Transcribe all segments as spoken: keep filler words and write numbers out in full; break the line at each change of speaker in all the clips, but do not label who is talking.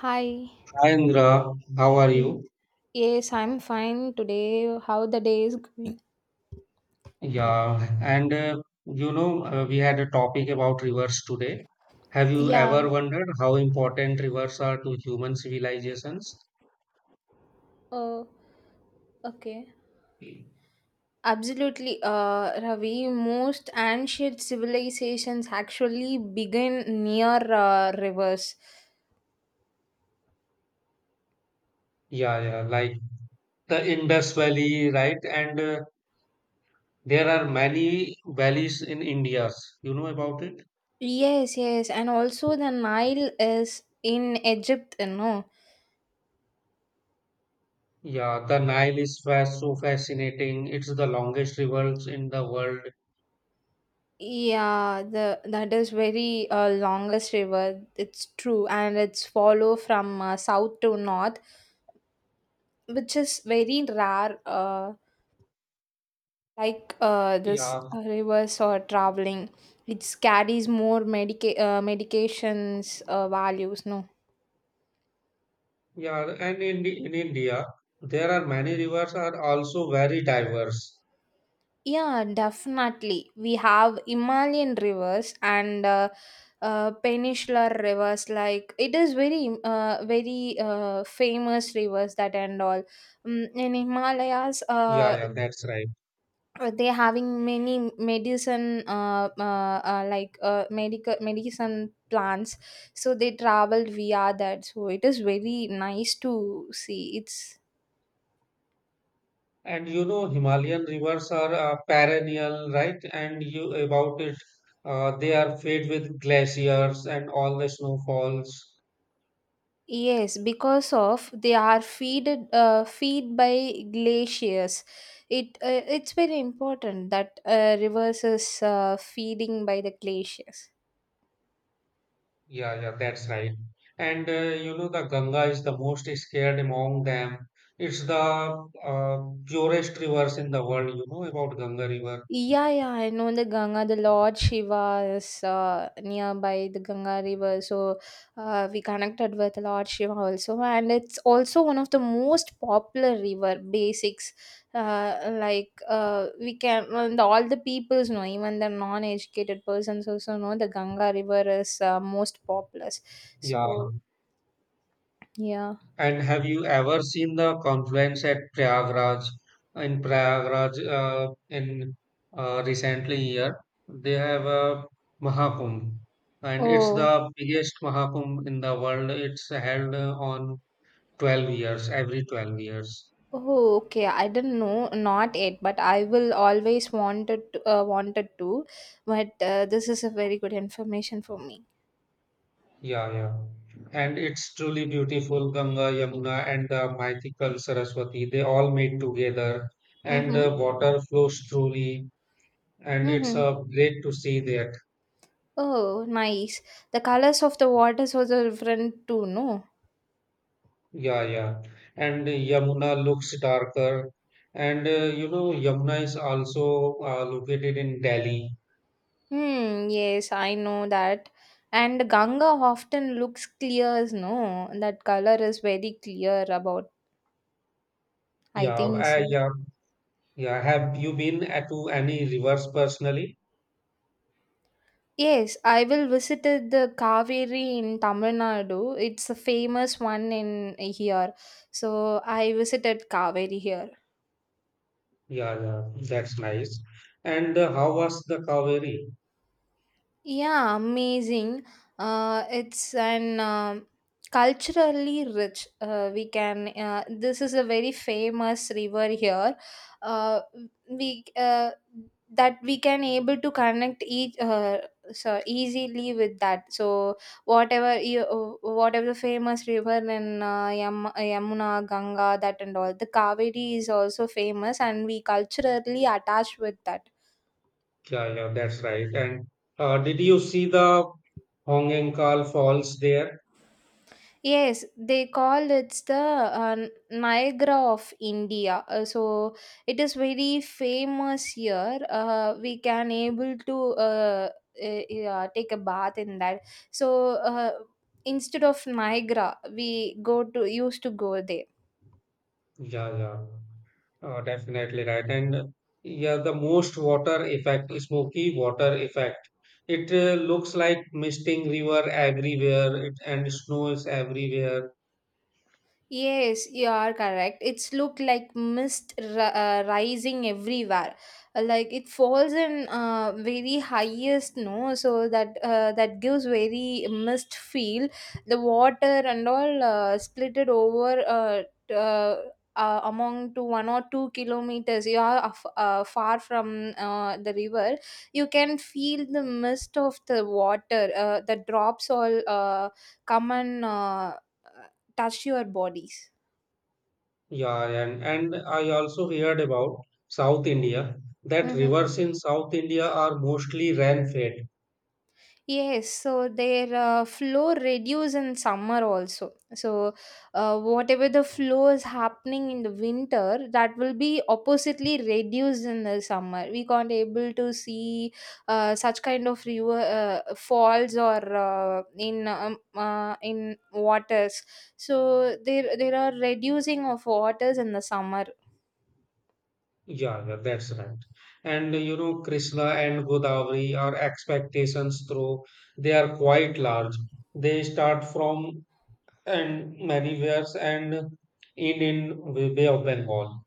Hi.
Hi Indra, how are
Yes,
you?
Yes, I'm fine today. How the day is going?
Yeah, and uh, you know, uh, we had a topic about rivers today. Have you
Yeah.
ever wondered how important rivers are to human civilizations?
Oh, okay.
Yeah,
Absolutely, uh, Ravi. Most ancient civilizations actually begin near uh, rivers.
yeah, like the Indus Valley, right? And uh, There are many valleys in India. You know about it?
Yes, yes, and also the Nile is in Egypt, you know.
Yeah, the Nile is fast, so fascinating. It's the longest river in the world.
Yeah, the that is very uh, longest river. It's true, and it's follow from uh, south to north. Which is very rare, uh, like uh, this
Yeah,
uh, rivers or traveling, it carries more medica- uh, medications uh, values, no.
Yeah, and in, the- in India, there are many rivers are also very diverse.
Yeah, definitely we have Himalayan rivers, and uh, uh, peninsular rivers, like it is very uh, very uh, famous rivers that and all. Mm in Himalayas,
Yeah,
uh,
yeah, that's right.
uh, they having many medicine, uh, uh, uh, like uh, medical medicine plants, so they traveled via that, so it is very nice to see it's.
And you know, Himalayan rivers are uh, perennial, right? And you about it, uh, they are fed with glaciers and all the snowfalls.
Yes, because of they are feeded uh, feed by glaciers. It uh, it's very important that uh, rivers is uh, feeding by the glaciers.
Yeah, yeah, that's right. And uh, you know, the Ganga is the most scared among them. It's the uh, purest rivers in the world. You know about Ganga River.
Yeah, yeah, I know the Ganga. The Lord Shiva is uh, nearby the Ganga River, so uh, we connected with Lord Shiva also, and it's also one of the most popular river basics. Uh, like, uh, we can, well, the, all the peoples know, even the non-educated persons also know the Ganga River is uh, most populous.
Yeah.
So yeah.
And have you ever seen the confluence at Prayagraj? In Prayagraj, uh, in uh, recently year, they have a Mahakumbh, and it's
Oh.
the biggest Mahakumbh in the world. It's held uh, on twelve years, every twelve years.
Oh, okay. I don't know, not yet, but I will always wanted to, uh, wanted to. But uh, this is a very good information for me.
Yeah, yeah. And it's truly beautiful. Ganga, Yamuna, and the mythical Saraswati, they all meet together, and
Mm-hmm.
the water flows truly, and it's
Mm-hmm.
uh, great to see there.
Oh, nice. The colors of the waters also different too, no?
Yeah, yeah. And Yamuna looks darker. And uh, you know, Yamuna is also uh, located in Delhi.
Hmm. Yes, I know that. And Ganga often looks clear, no? That color is very clear about. I
Yeah,
think
uh,
so.
yeah, yeah. Have you been at to any rivers personally?
Yes, I will visited the Kaveri in Tamil Nadu. It's a famous one in here. So I visited Kaveri here.
Yeah, yeah, that's nice. And uh, how was the Kaveri?
Yeah, amazing. Uh, it's an um culturally rich. Uh, we can. Uh, this is a very famous river here. Uh, we uh, That we can able to connect each, uh, so easily with that. So whatever you whatever the famous river in, uh, Yam- Yamuna, Ganga, that and all, the Kaveri is also famous, and we culturally attached with that.
Yeah, yeah, that's right. And uh, did you see the Hongankal Falls there?
Yes, they call it's the uh, Niagara of India. Uh, so it is very famous here. Uh, we can able to, uh, uh, yeah, take a bath in that. So uh, instead of Niagara, we go to used to go there.
Yeah, yeah. Uh, definitely right. And uh, yeah, the most water effect, smoky water effect. It uh, looks like misting river everywhere it, and snow is everywhere.
Yes, you are correct. It's looked like mist ri- uh, rising everywhere. Uh, Like it falls in uh, very highest, no, so that uh, that gives very mist feel. The water and all uh, split it over, uh, t- uh, uh, among to one or two kilometers. You are af- uh, far from uh, the river. You can feel the mist of the water. Uh, the drops all uh, come and. Uh, touch your bodies.
Yeah, and, and I also heard about South India that
Mm-hmm.
rivers in South India are mostly rain-fed.
Yes, so their uh, flow reduce in summer also. So uh, whatever the flow is happening in the winter, that will be oppositely reduced in the summer. We can't able to see uh, such kind of river uh, falls, or uh, in um, uh, in waters. So there there are reducing of waters in the summer.
Yeah, yeah, that's right. And uh, you know, Krishna and Godavari are expectations through. They are quite large. They start from and many wares and in in Bay Bay of Bengal.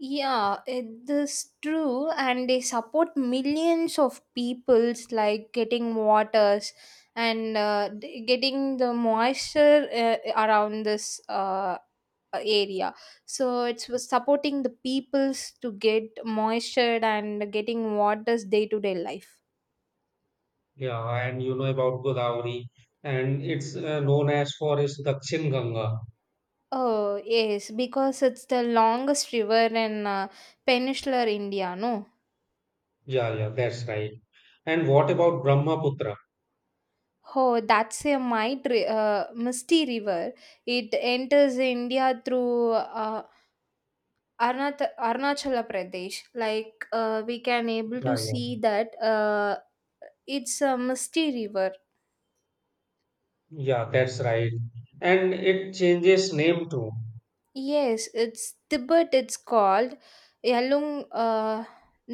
Yeah, it is true, and they support millions of peoples like getting waters, and uh, d- getting the moisture uh, around this uh, area. So it's was supporting the peoples to get moisture and getting waters day to day life.
Yeah, and you know about Godavari, and it's uh, known as for its Dakshin Ganga.
Oh yes, because it's the longest river in uh, peninsular India, no.
Yeah, yeah, that's right. And what about Brahmaputra?
Oh, that's a might ri- uh, misty river. It enters India through, uh, Arunach- Arunachala Pradesh. Like uh, we can able to
Yeah, yeah,
see that uh, it's a misty river.
yeah, that's right. And it changes name too.
Yes, it's Tibet. It's called Yalung, uh,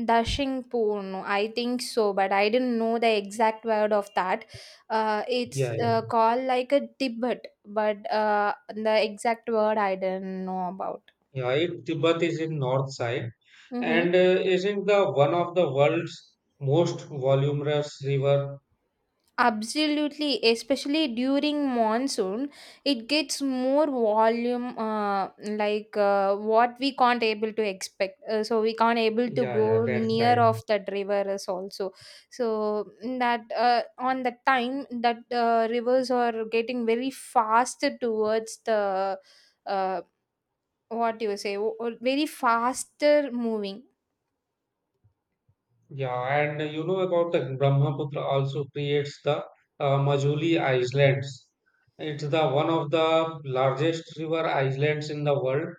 Dashing Purno. I think so, but I didn't know the exact word of that. Uh,
Yeah,
it's
yeah,
uh, called like a Tibet, but uh, the exact word I didn't know about.
yeah. It Tibet is in north side, and
Mm-hmm.
uh, isn't the one of the world's most voluminous river.
Absolutely, especially during monsoon, it gets more volume, uh, like uh, what we can't able to expect. Uh, so we can't able to
Yeah, yeah,
go
that's
near
right.
of that river is also. So that uh, on the time that uh, rivers are getting very fast towards the, uh, what you say, o- o- very faster moving.
Yeah, and you know about the Brahmaputra also creates the uh, Majuli Islands. It's the one of the largest river islands in the world.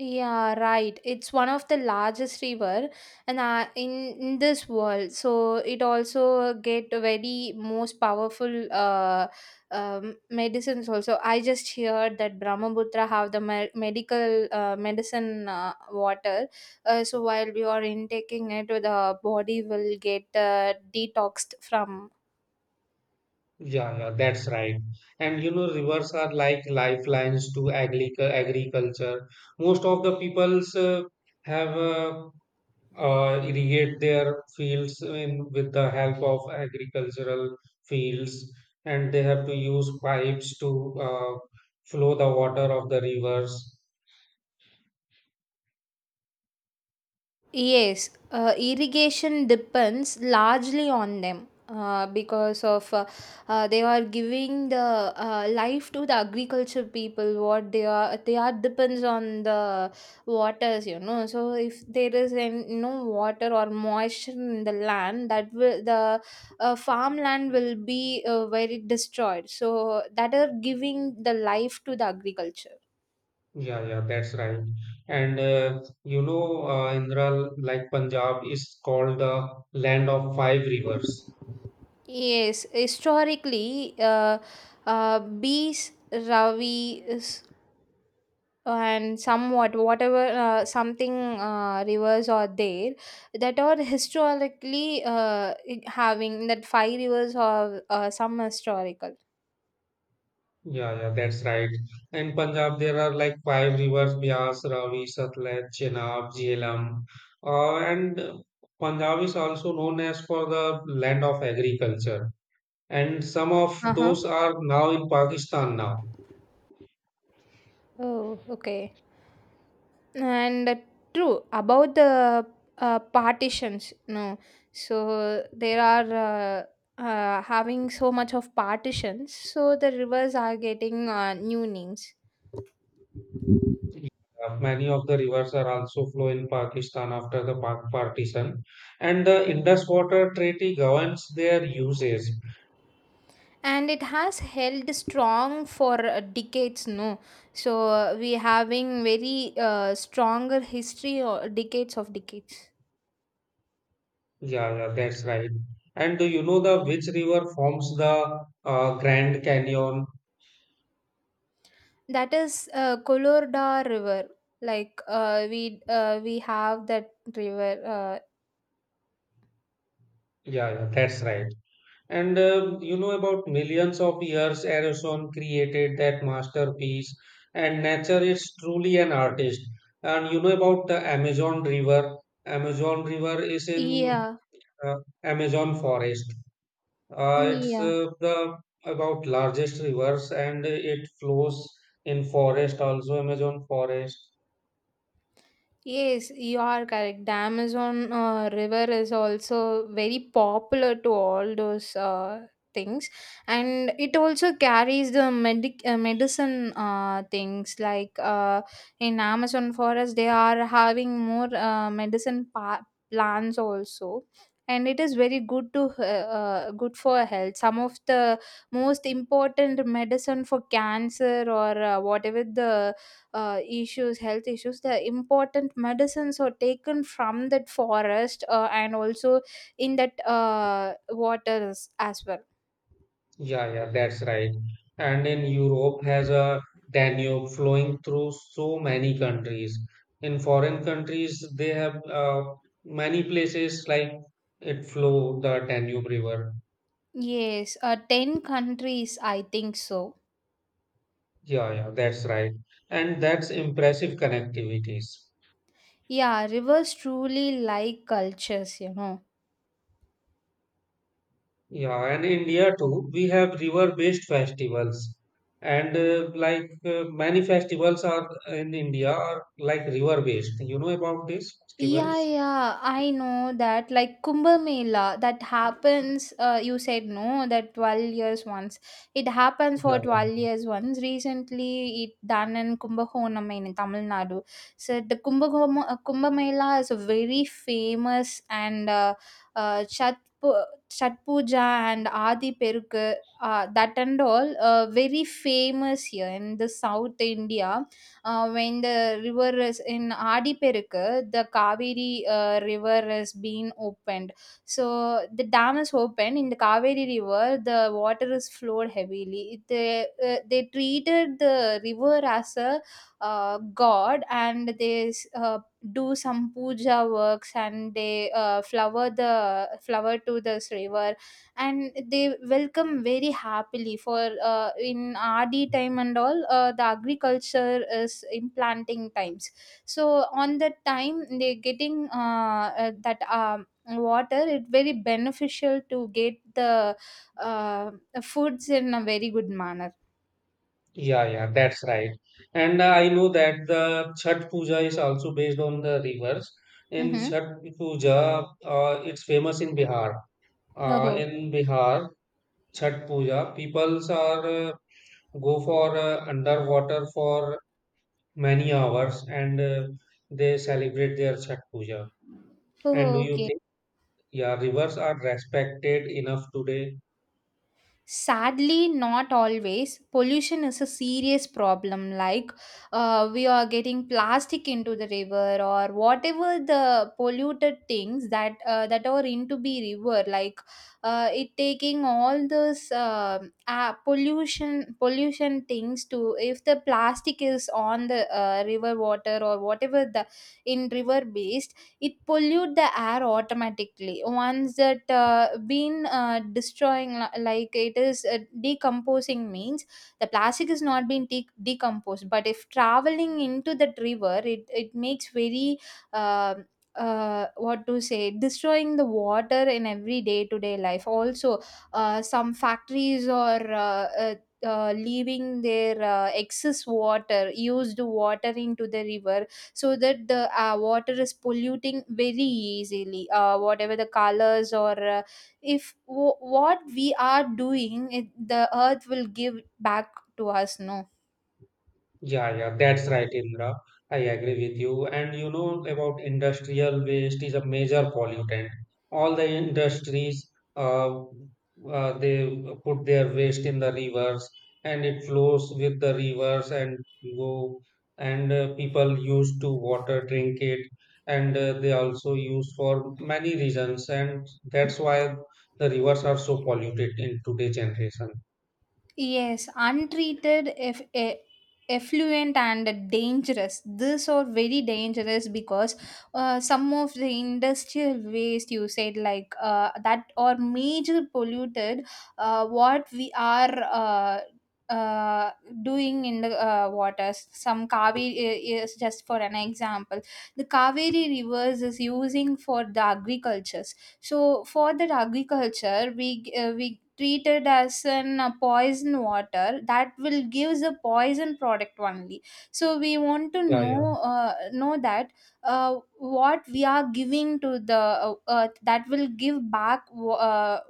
Yeah, right. It's one of the largest river, and uh, in in this world. So it also get very most powerful, uh, um, medicines also. I just heard that Brahmaputra have the me- medical uh, medicine uh, water. Uh, so while we are intaking it, the body will get uh, detoxed from.
Yeah, yeah, that's right. And you know, rivers are like lifelines to agric agriculture. Most of the peoples uh, have uh, uh, irrigate their fields in, with the help of agricultural fields, and they have to use pipes to uh, flow the water of the rivers.
Yes, uh, irrigation depends largely on them, uh, because of uh, uh, they are giving the uh, life to the agriculture people. What they are they are depends on the waters, you know. So if there is an, no water or moisture in the land, that will the uh, farmland will be uh, very destroyed. So that are giving the life to the agriculture.
Yeah, yeah, that's right. And uh, you know, uh, Indra, like Punjab is called the land of five rivers.
Yes, historically, uh, uh, Bees, Ravi, s- and somewhat whatever, uh, something, uh, rivers are there, that are historically uh, having that five rivers are uh, some historical.
Yeah, yeah, that's right. In Punjab, there are like five rivers: Bias, Ravi, Satluj, Chenab, Jhelum. Uh, and uh, Punjab is also known as for the land of agriculture. And some of
Uh huh.
those are now in Pakistan now.
Oh, okay. And uh, true about the uh, partitions, no. So there are, uh, uh, having so much of partitions, so the rivers are getting uh, new names.
Yeah, Many of the rivers are also flow in Pakistan after the Pak partition, and the Indus Water Treaty governs their usage.
And it has held strong for uh, decades, no. So uh, we having very uh, stronger history or decades of decades.
Yeah, yeah, that's right. And do you know the which river forms the uh, Grand Canyon?
That is uh, Kolorda River. Like uh, we uh, we have that river. Uh,
Yeah, yeah, that's right. And uh, you know about millions of years Erosion created that masterpiece, and nature is truly an artist. And you know about the Amazon River. Amazon River is in
yeah,
uh, Amazon forest. Uh, it's
yeah.
uh, the about largest rivers and it flows in forest also Amazon forest.
Yes, you are correct. The Amazon uh, River is also very popular to all those uh, things, and it also carries the medic uh, medicine uh, things, like uh, in Amazon forest they are having more uh, medicine pa- plants also. And it is very good to uh, uh, good for health. Some of the most important medicine for cancer, or uh, whatever the uh, issues health issues, the important medicines are taken from that forest, uh, and also in that uh, waters as well.
Yeah, yeah, that's right. And in Europe has a Danube flowing through so many countries. In foreign countries, they have uh, many places like it flow the Danube River.
Yes, uh, ten countries, I think so.
Yeah, yeah, that's right. And that's impressive connectivities.
Yeah, rivers truly like cultures you know
Yeah, and India too, we have river-based festivals, and uh, like uh, many festivals are in India are like river-based. You know about these
Yeah,
festivals?
yeah, I know that. Like Kumbh Mela, that happens. Uh, you said no, that twelve years once. It happens
Yeah,
for twelve years once. Recently, it done in Kumbakonam in Tamil Nadu. So the Kumbakoma, uh, Kumbh Mela is a very famous, and uh, uh, Chat Pu- Chat Puja and Adi Peruk. Uh, that and all, uh, very famous here in the South India, uh, when the river is in Adiperukku, the Kaveri uh, river has been opened. So the dam is open in the Kaveri river. The water is flowed heavily. They uh, they treated the river as a uh, god, and they uh, do some puja works, and they uh, flower the flower to this river, and they welcome very happily for, uh, in rd time and all, uh, the agriculture is in planting times, so on that time they getting, uh, uh, that um, water, it very beneficial to get the uh, foods in a very good manner.
yeah, yeah, yeah, that's right. And uh, I know that the Chhat Puja is also based on the rivers. In
Mm-hmm.
Chhat Puja, uh, it's famous in Bihar. Uh,
Oh,
in Bihar, Chhat Puja, peoples are uh, go for uh, underwater for many hours and uh, they celebrate their Chhat Puja. And do
oh,
you
okay.
think yeah, rivers are respected enough today?
Sadly not always. Pollution is a serious problem, like uh, we are getting plastic into the river, or whatever the polluted things that uh, that are into be river, like uh, it taking all those, uh, uh, pollution pollution things to, if the plastic is on the uh, river water or whatever the in river base, it pollute the air automatically once that uh, been uh, destroying, li- like it is uh, decomposing means the plastic is not being de- decomposed, but if traveling into the river, it, it makes very, uh, uh, what to say, destroying the water in every day to day life also. Uh, some factories or, uh, uh, uh, leaving their uh, excess water used water into the river, so that the uh, water is polluting very easily, uh, whatever the colors, or uh, if w- what we are doing it, the earth will give back to us, no.
Yeah, yeah, that's right, Indra. I agree with you. And you know about industrial waste is a major pollutant. All the industries, uh, uh, they put their waste in the rivers, and it flows with the rivers and go. And uh, people use to water drink it, and uh, they also use for many reasons. And that's why the rivers are so polluted in today's generation.
Yes, untreated eff- e- effluent and dangerous. These are very dangerous because uh, some of the industrial waste you said, like uh, that are major polluted. Uh, what we are uh, uh, doing in the uh, waters, some Kaveri is just for an example. The Kaveri rivers is using for the agricultures. So for that agriculture, we g- uh, we treat it as an uh, poison water that will give the poison product only. So we want to
Yeah, yeah,
know uh, know that uh, what we are giving to the uh, earth that will give back. wa- Uh,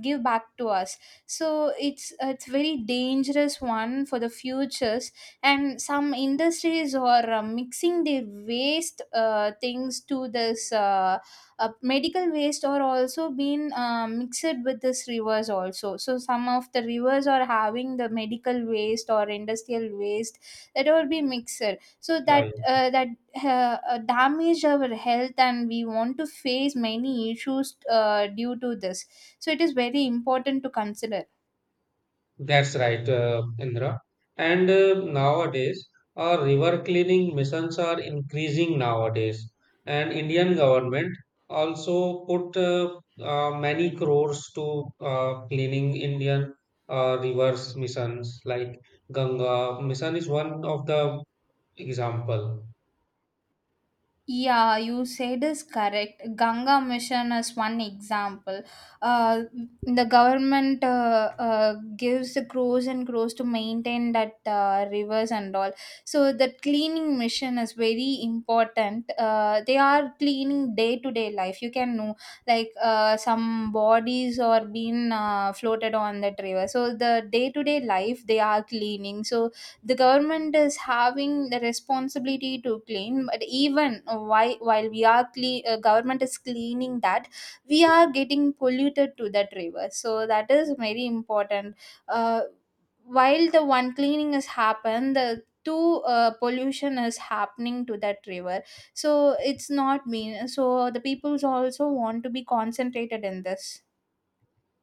Give back to us, so it's it's very dangerous one for the futures, and some industries are uh, mixing their waste uh, things to this uh, uh, medical waste are also being uh, mixed with this rivers also. So some of the rivers are having the medical waste or industrial waste that will be mixed, so
yeah.
that
yeah.
uh, that uh, uh, damage our health, and we want to face many issues uh, due to this. So it is very important to consider.
That's right, uh, Indra. And uh, nowadays, our river cleaning missions are increasing nowadays. And Indian government also put uh, uh, many crores to uh, cleaning Indian uh, rivers missions like Ganga mission is one of the example.
Yeah, you said is correct. Ganga Mission is one example. Uh, the government uh, uh, gives the crores and crores to maintain that uh, rivers and all. So that cleaning mission is very important. Uh, they are cleaning day to day life. You can know, like uh, some bodies or being uh, floated on that river. So the day to day life they are cleaning. So the government is having the responsibility to clean, but even why while we are clean uh, government is cleaning that, we are getting polluted to that river, so that is very important. uh, while the one cleaning has happened, the two uh, pollution is happening to that river. So it's not mean, so the peoples also want to be concentrated in this.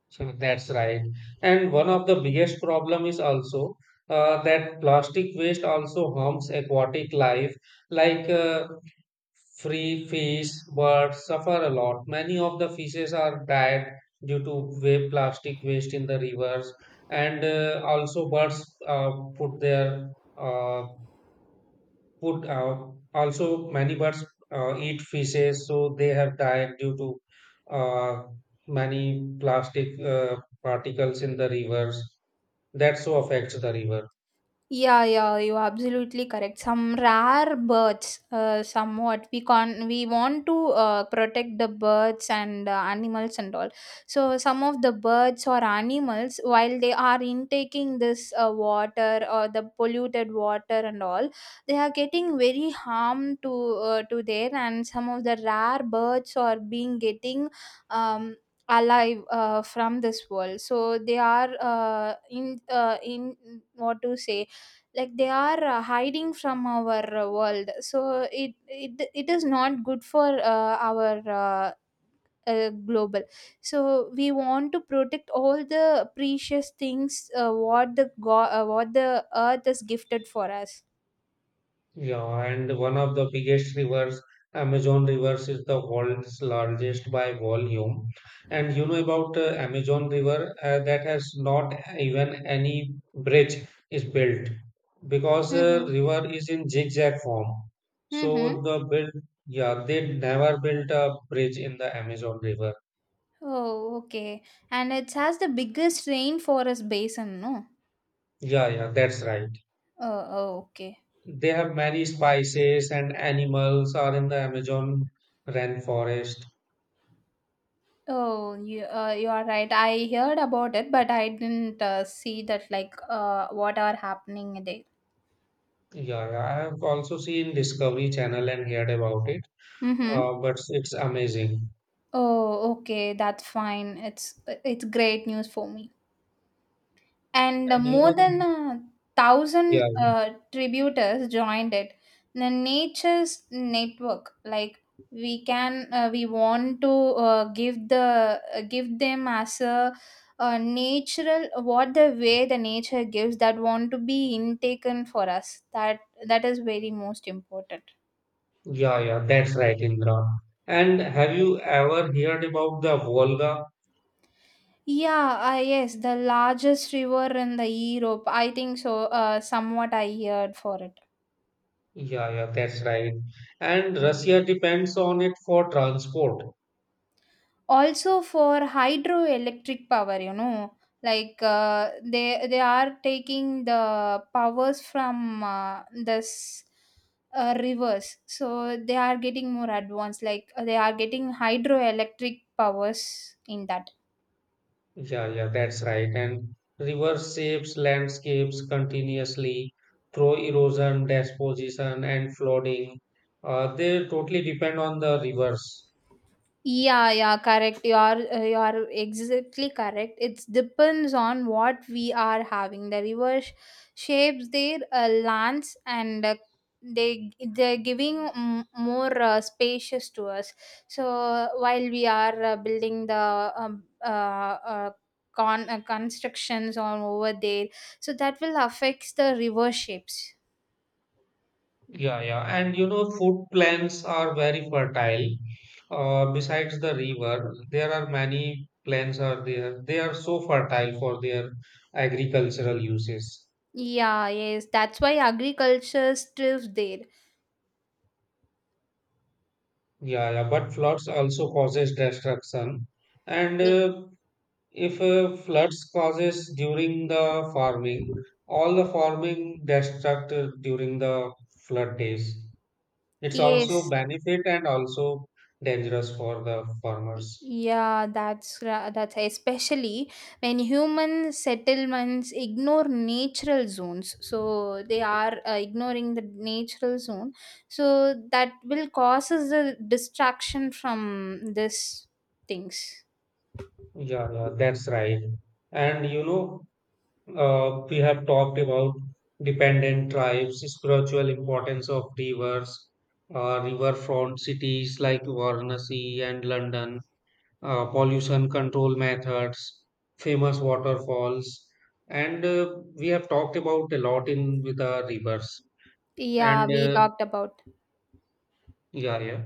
So that's right. And one of the biggest problem is also uh, that plastic waste also harms aquatic life like uh, Free fish birds suffer a lot. Many of the fishes are died due to wa- plastic waste in the rivers, and uh, also birds uh, put their uh, put uh, also many birds uh, eat fishes, so they have died due to uh, many plastic uh, particles in the rivers. That so affects the river.
Yeah, yeah, you are absolutely correct. Some rare birds, uh, somewhat we can we want to uh, protect the birds and uh, animals and all. So some of the birds or animals, while they are intaking this uh, water or the polluted water and all, they are getting very harm to uh, to their, and some of the rare birds are being getting. Um, Alive uh, from this world, so they are uh, in uh, in, what to say, like they are uh, hiding from our uh, world. So it it, it is not good for uh, our uh, uh, global. So we want to protect all the precious things, uh, what the god uh, what the earth is gifted for us.
Yeah, and one of the biggest rivers, Amazon rivers, is the world's largest by volume. And you know about uh, Amazon River uh, that has not even any bridge is built because uh,
Mm-hmm.
river is in zigzag form.
Mm-hmm.
So the build, yeah, they never built a bridge in the Amazon River.
Oh, okay. And it has the biggest rainforest basin, no?
Yeah, yeah, that's right.
Oh, oh, okay.
They have many spices and animals are in the Amazon rainforest.
Oh, you uh, you are right. I heard about it, but I didn't uh, see that, like uh, what are happening there.
Yeah, yeah, I have also seen Discovery Channel and heard about it,
Mm-hmm.
uh, but it's amazing.
Oh, okay, that's fine. It's it's great news for me. And uh,
And you know,
more than
the,
a
yeah,
thousand uh, tributors joined it. The nature's network, like we can, uh, we want to uh, give the uh, give them as a, uh, natural, what the way the nature gives that want to be intaken for us. That that is very most important.
yeah, yeah, that's right, Indra. And have you ever heard about the Volga?
Yeah, uh, yes, the largest river in the Europe, I think so. Uh, somewhat I heard for it.
Yeah, yeah, that's right. And Russia depends on it for transport.
Also for hydroelectric power, you know, like uh, they they are taking the powers from uh, this uh, rivers, so they are getting more advanced. Like uh, they are getting hydroelectric powers in that.
Yeah, yeah, that's right. And river shapes landscapes continuously through erosion, deposition, and flooding. Uh, they totally depend on the rivers.
Yeah, yeah, correct. You are uh, you are exactly correct. It depends on what we are having. The river sh- shapes their uh, lands, and uh, they they're giving mm, more uh, spacious to us. So while we are uh, building the um, uh, uh, con uh, constructions on over there, so that will affect the river shapes.
Yeah, yeah. And you know, food plants are very fertile. Uh, besides the river, there are many plants are there. They are so fertile for their agricultural uses.
Yeah, yes, that's why agriculture still there.
Yeah, yeah. But floods also causes destruction. And
Yeah.
uh, if uh, floods causes during the farming, all the farming destruct uh, during the flood days. It's also
Yes.
benefit and also dangerous for the farmers.
Yeah, that's ra- that's especially when human settlements ignore natural zones. So they are uh, ignoring the natural zone. So that will causes a distraction from this things.
Yeah, yeah, that's right. And you know, uh, we have talked about dependent tribes, spiritual importance of rivers, uh, riverfront cities like Varanasi and London, uh, pollution control methods, famous waterfalls, and uh, we have talked about a lot in with the rivers. And
Yeah, we
uh,
talked about,
yeah, yeah.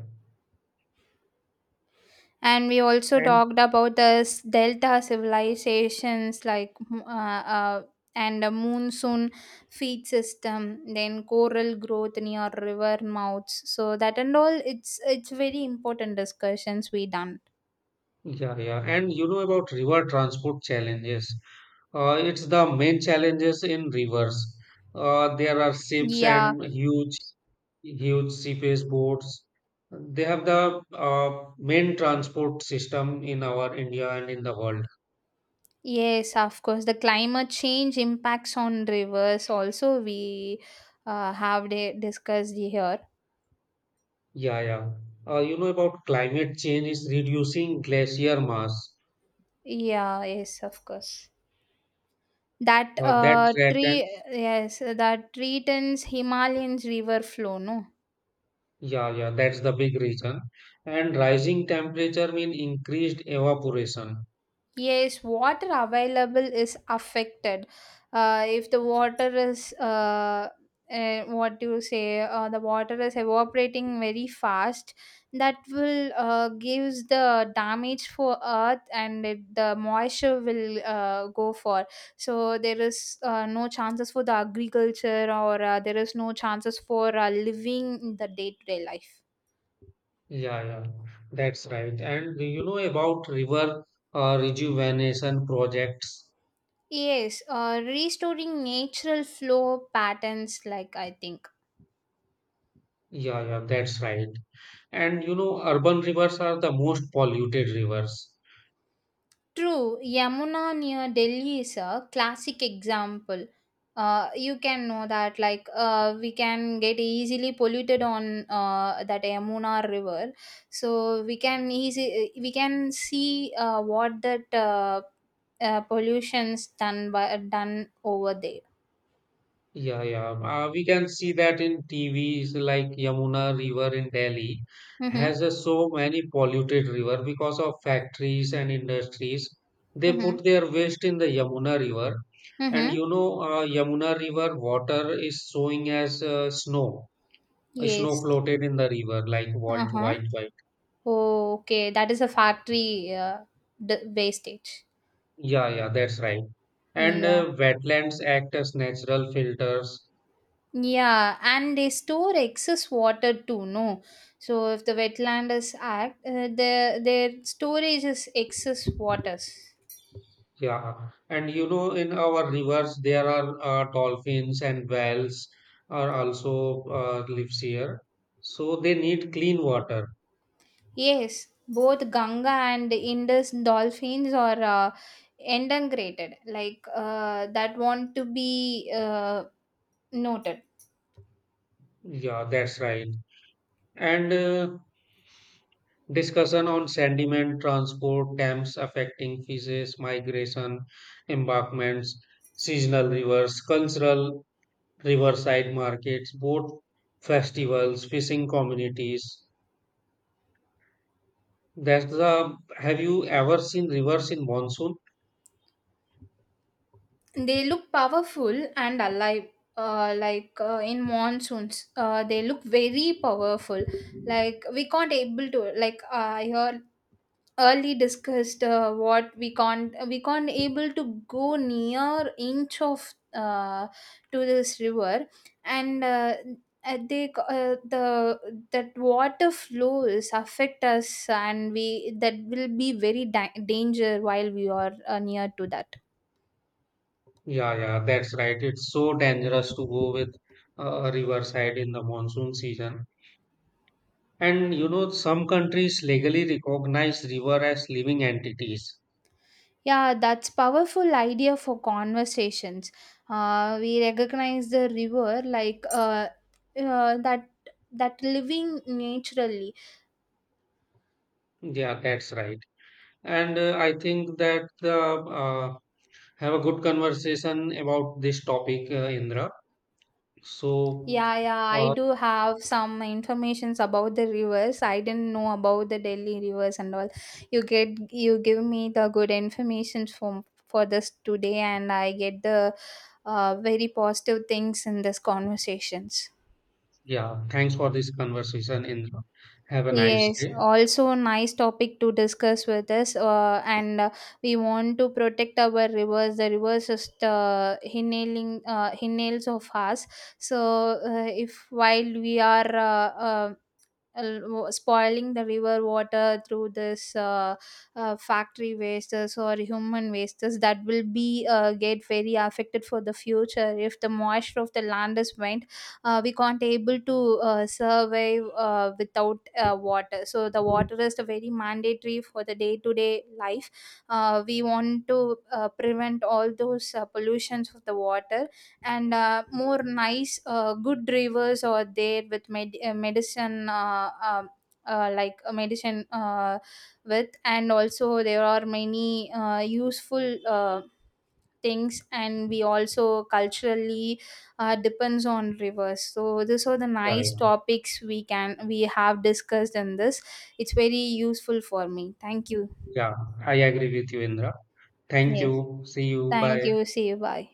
and we also talked about the s- delta civilizations, like mm, uh, uh, and a monsoon feed system, then coral growth near river mouths. So that and all, it's it's very important discussions we done.
Yeah, yeah. And you know about river transport challenges. Uh, it's the main challenges in rivers. Uh, there are ships
Yeah,
and huge, huge seaface boats. They have the uh, main transport system in our India and in the world.
yes, of course, the climate change impacts on rivers also we uh, have de- discussed here.
Yeah, yeah. Uh, you know about climate change is reducing glacier mass.
Yeah, yes, of course. That
Uh, that
uh, tree,
threatens.
yes, that threatens Himalayan's river flow, no?
Yeah, yeah. That's the big reason. And rising temperature mean increased evaporation.
Yes, water available is affected. Uh, if the water is, uh, uh, what do you say, uh, the water is evaporating very fast, that will uh, gives the damage for earth, and it, the moisture will uh, go for. So there is uh, no chances for the agriculture, or uh, there is no chances for uh, living in the day-to-day life.
Yeah, yeah, that's right. And you know about river uh, rejuvenation projects.
Yes, uh, restoring natural flow patterns, like I think.
Yeah, yeah, that's right. And you know, urban rivers are the most polluted rivers.
True, Yamuna near Delhi is a classic example. Uh, you can know that, like, uh, we can get easily polluted on uh, that Yamuna river. So we can easy we can see uh, what that uh, uh, pollution's done by done over there.
Yeah, yeah. Uh, we can see that in T Vs, like Yamuna River in Delhi
Mm-hmm.
has a so many polluted river because of factories and industries. They put
Mm-hmm.
their waste in the Yamuna River, and
Mm-hmm.
you know, uh, Yamuna River water is showing as uh, snow. Uh, Snow
Yes.
floated in the river like
Uh
Walt
huh.
White White.
Oh, okay. That is a factory uh, d- wastage.
Yeah, yeah, that's right. And
Yeah.
uh, wetlands act as natural filters.
Yeah, and they store excess water too, no? So if the wetland is act, uh, their their storage is excess waters.
Yeah. And you know, in our rivers, there are uh, dolphins and whales are also uh, lives here. So they need clean water.
Yes, both Ganga and Indus dolphins are uh, endangered, like uh, that want to be uh, noted.
Yeah, that's right. And uh, discussion on sediment transport, dams affecting fishes, migration, embankments, seasonal rivers, cultural riverside markets, boat festivals, fishing communities. That's the. Have you ever seen rivers in monsoon?
They look powerful and alive. Uh, like uh, in monsoons uh, they look very powerful, like we can't able to, like uh, I hear, early discussed uh, what we can't we can't able to go near inch of uh, to this river. And uh, uh, they c- uh, the that water flows affect us, and we, that will be very da- danger while we are uh, near to that.
Yeah, yeah, that's right. It's so dangerous to go with uh, riverside in the monsoon season. And you know, some countries legally recognize river as living entities.
Yeah, that's powerful idea for conversations. Uh, we recognize the river like uh, uh, that that living naturally.
Yeah, that's right. And uh, I think that the uh, have a good conversation about this topic, uh, Indra. So.
Yeah, yeah, I
Uh,
do have some informations about the rivers. I didn't know about the Delhi rivers and all. You get you give me the good information from for this today, and I get the uh, very positive things in this conversations.
Yeah, thanks for this conversation, Indra. Have a nice
Yes,
day.
also nice topic to discuss with us. Uh, and uh, we want to protect our rivers. The rivers is the hinailing uh, hinails of us. So uh, if while we are uh, uh, uh, wa- spoiling the river water through this uh, uh, factory wastes or human wastes, that will be uh, get very affected for the future. If the moisture of the land is went, uh, we can't able to uh, survive uh, without uh, water. So the water is the very mandatory for the day to day life. Uh, we want to uh, prevent all those uh, pollutions of the water, and uh, more nice uh, good drivers are there with med- uh, medicine uh, um uh, like a medicine uh, with, and also there are many uh, useful uh, things, and we also culturally uh, depends on rivers. So these are the
Yeah,
nice
yeah,
topics we can we have discussed in this. It's very useful for me, thank you.
yeah. I agree with you, Indra. Thank
Yes,
you. See you.
thank
Bye.
you, see you, bye.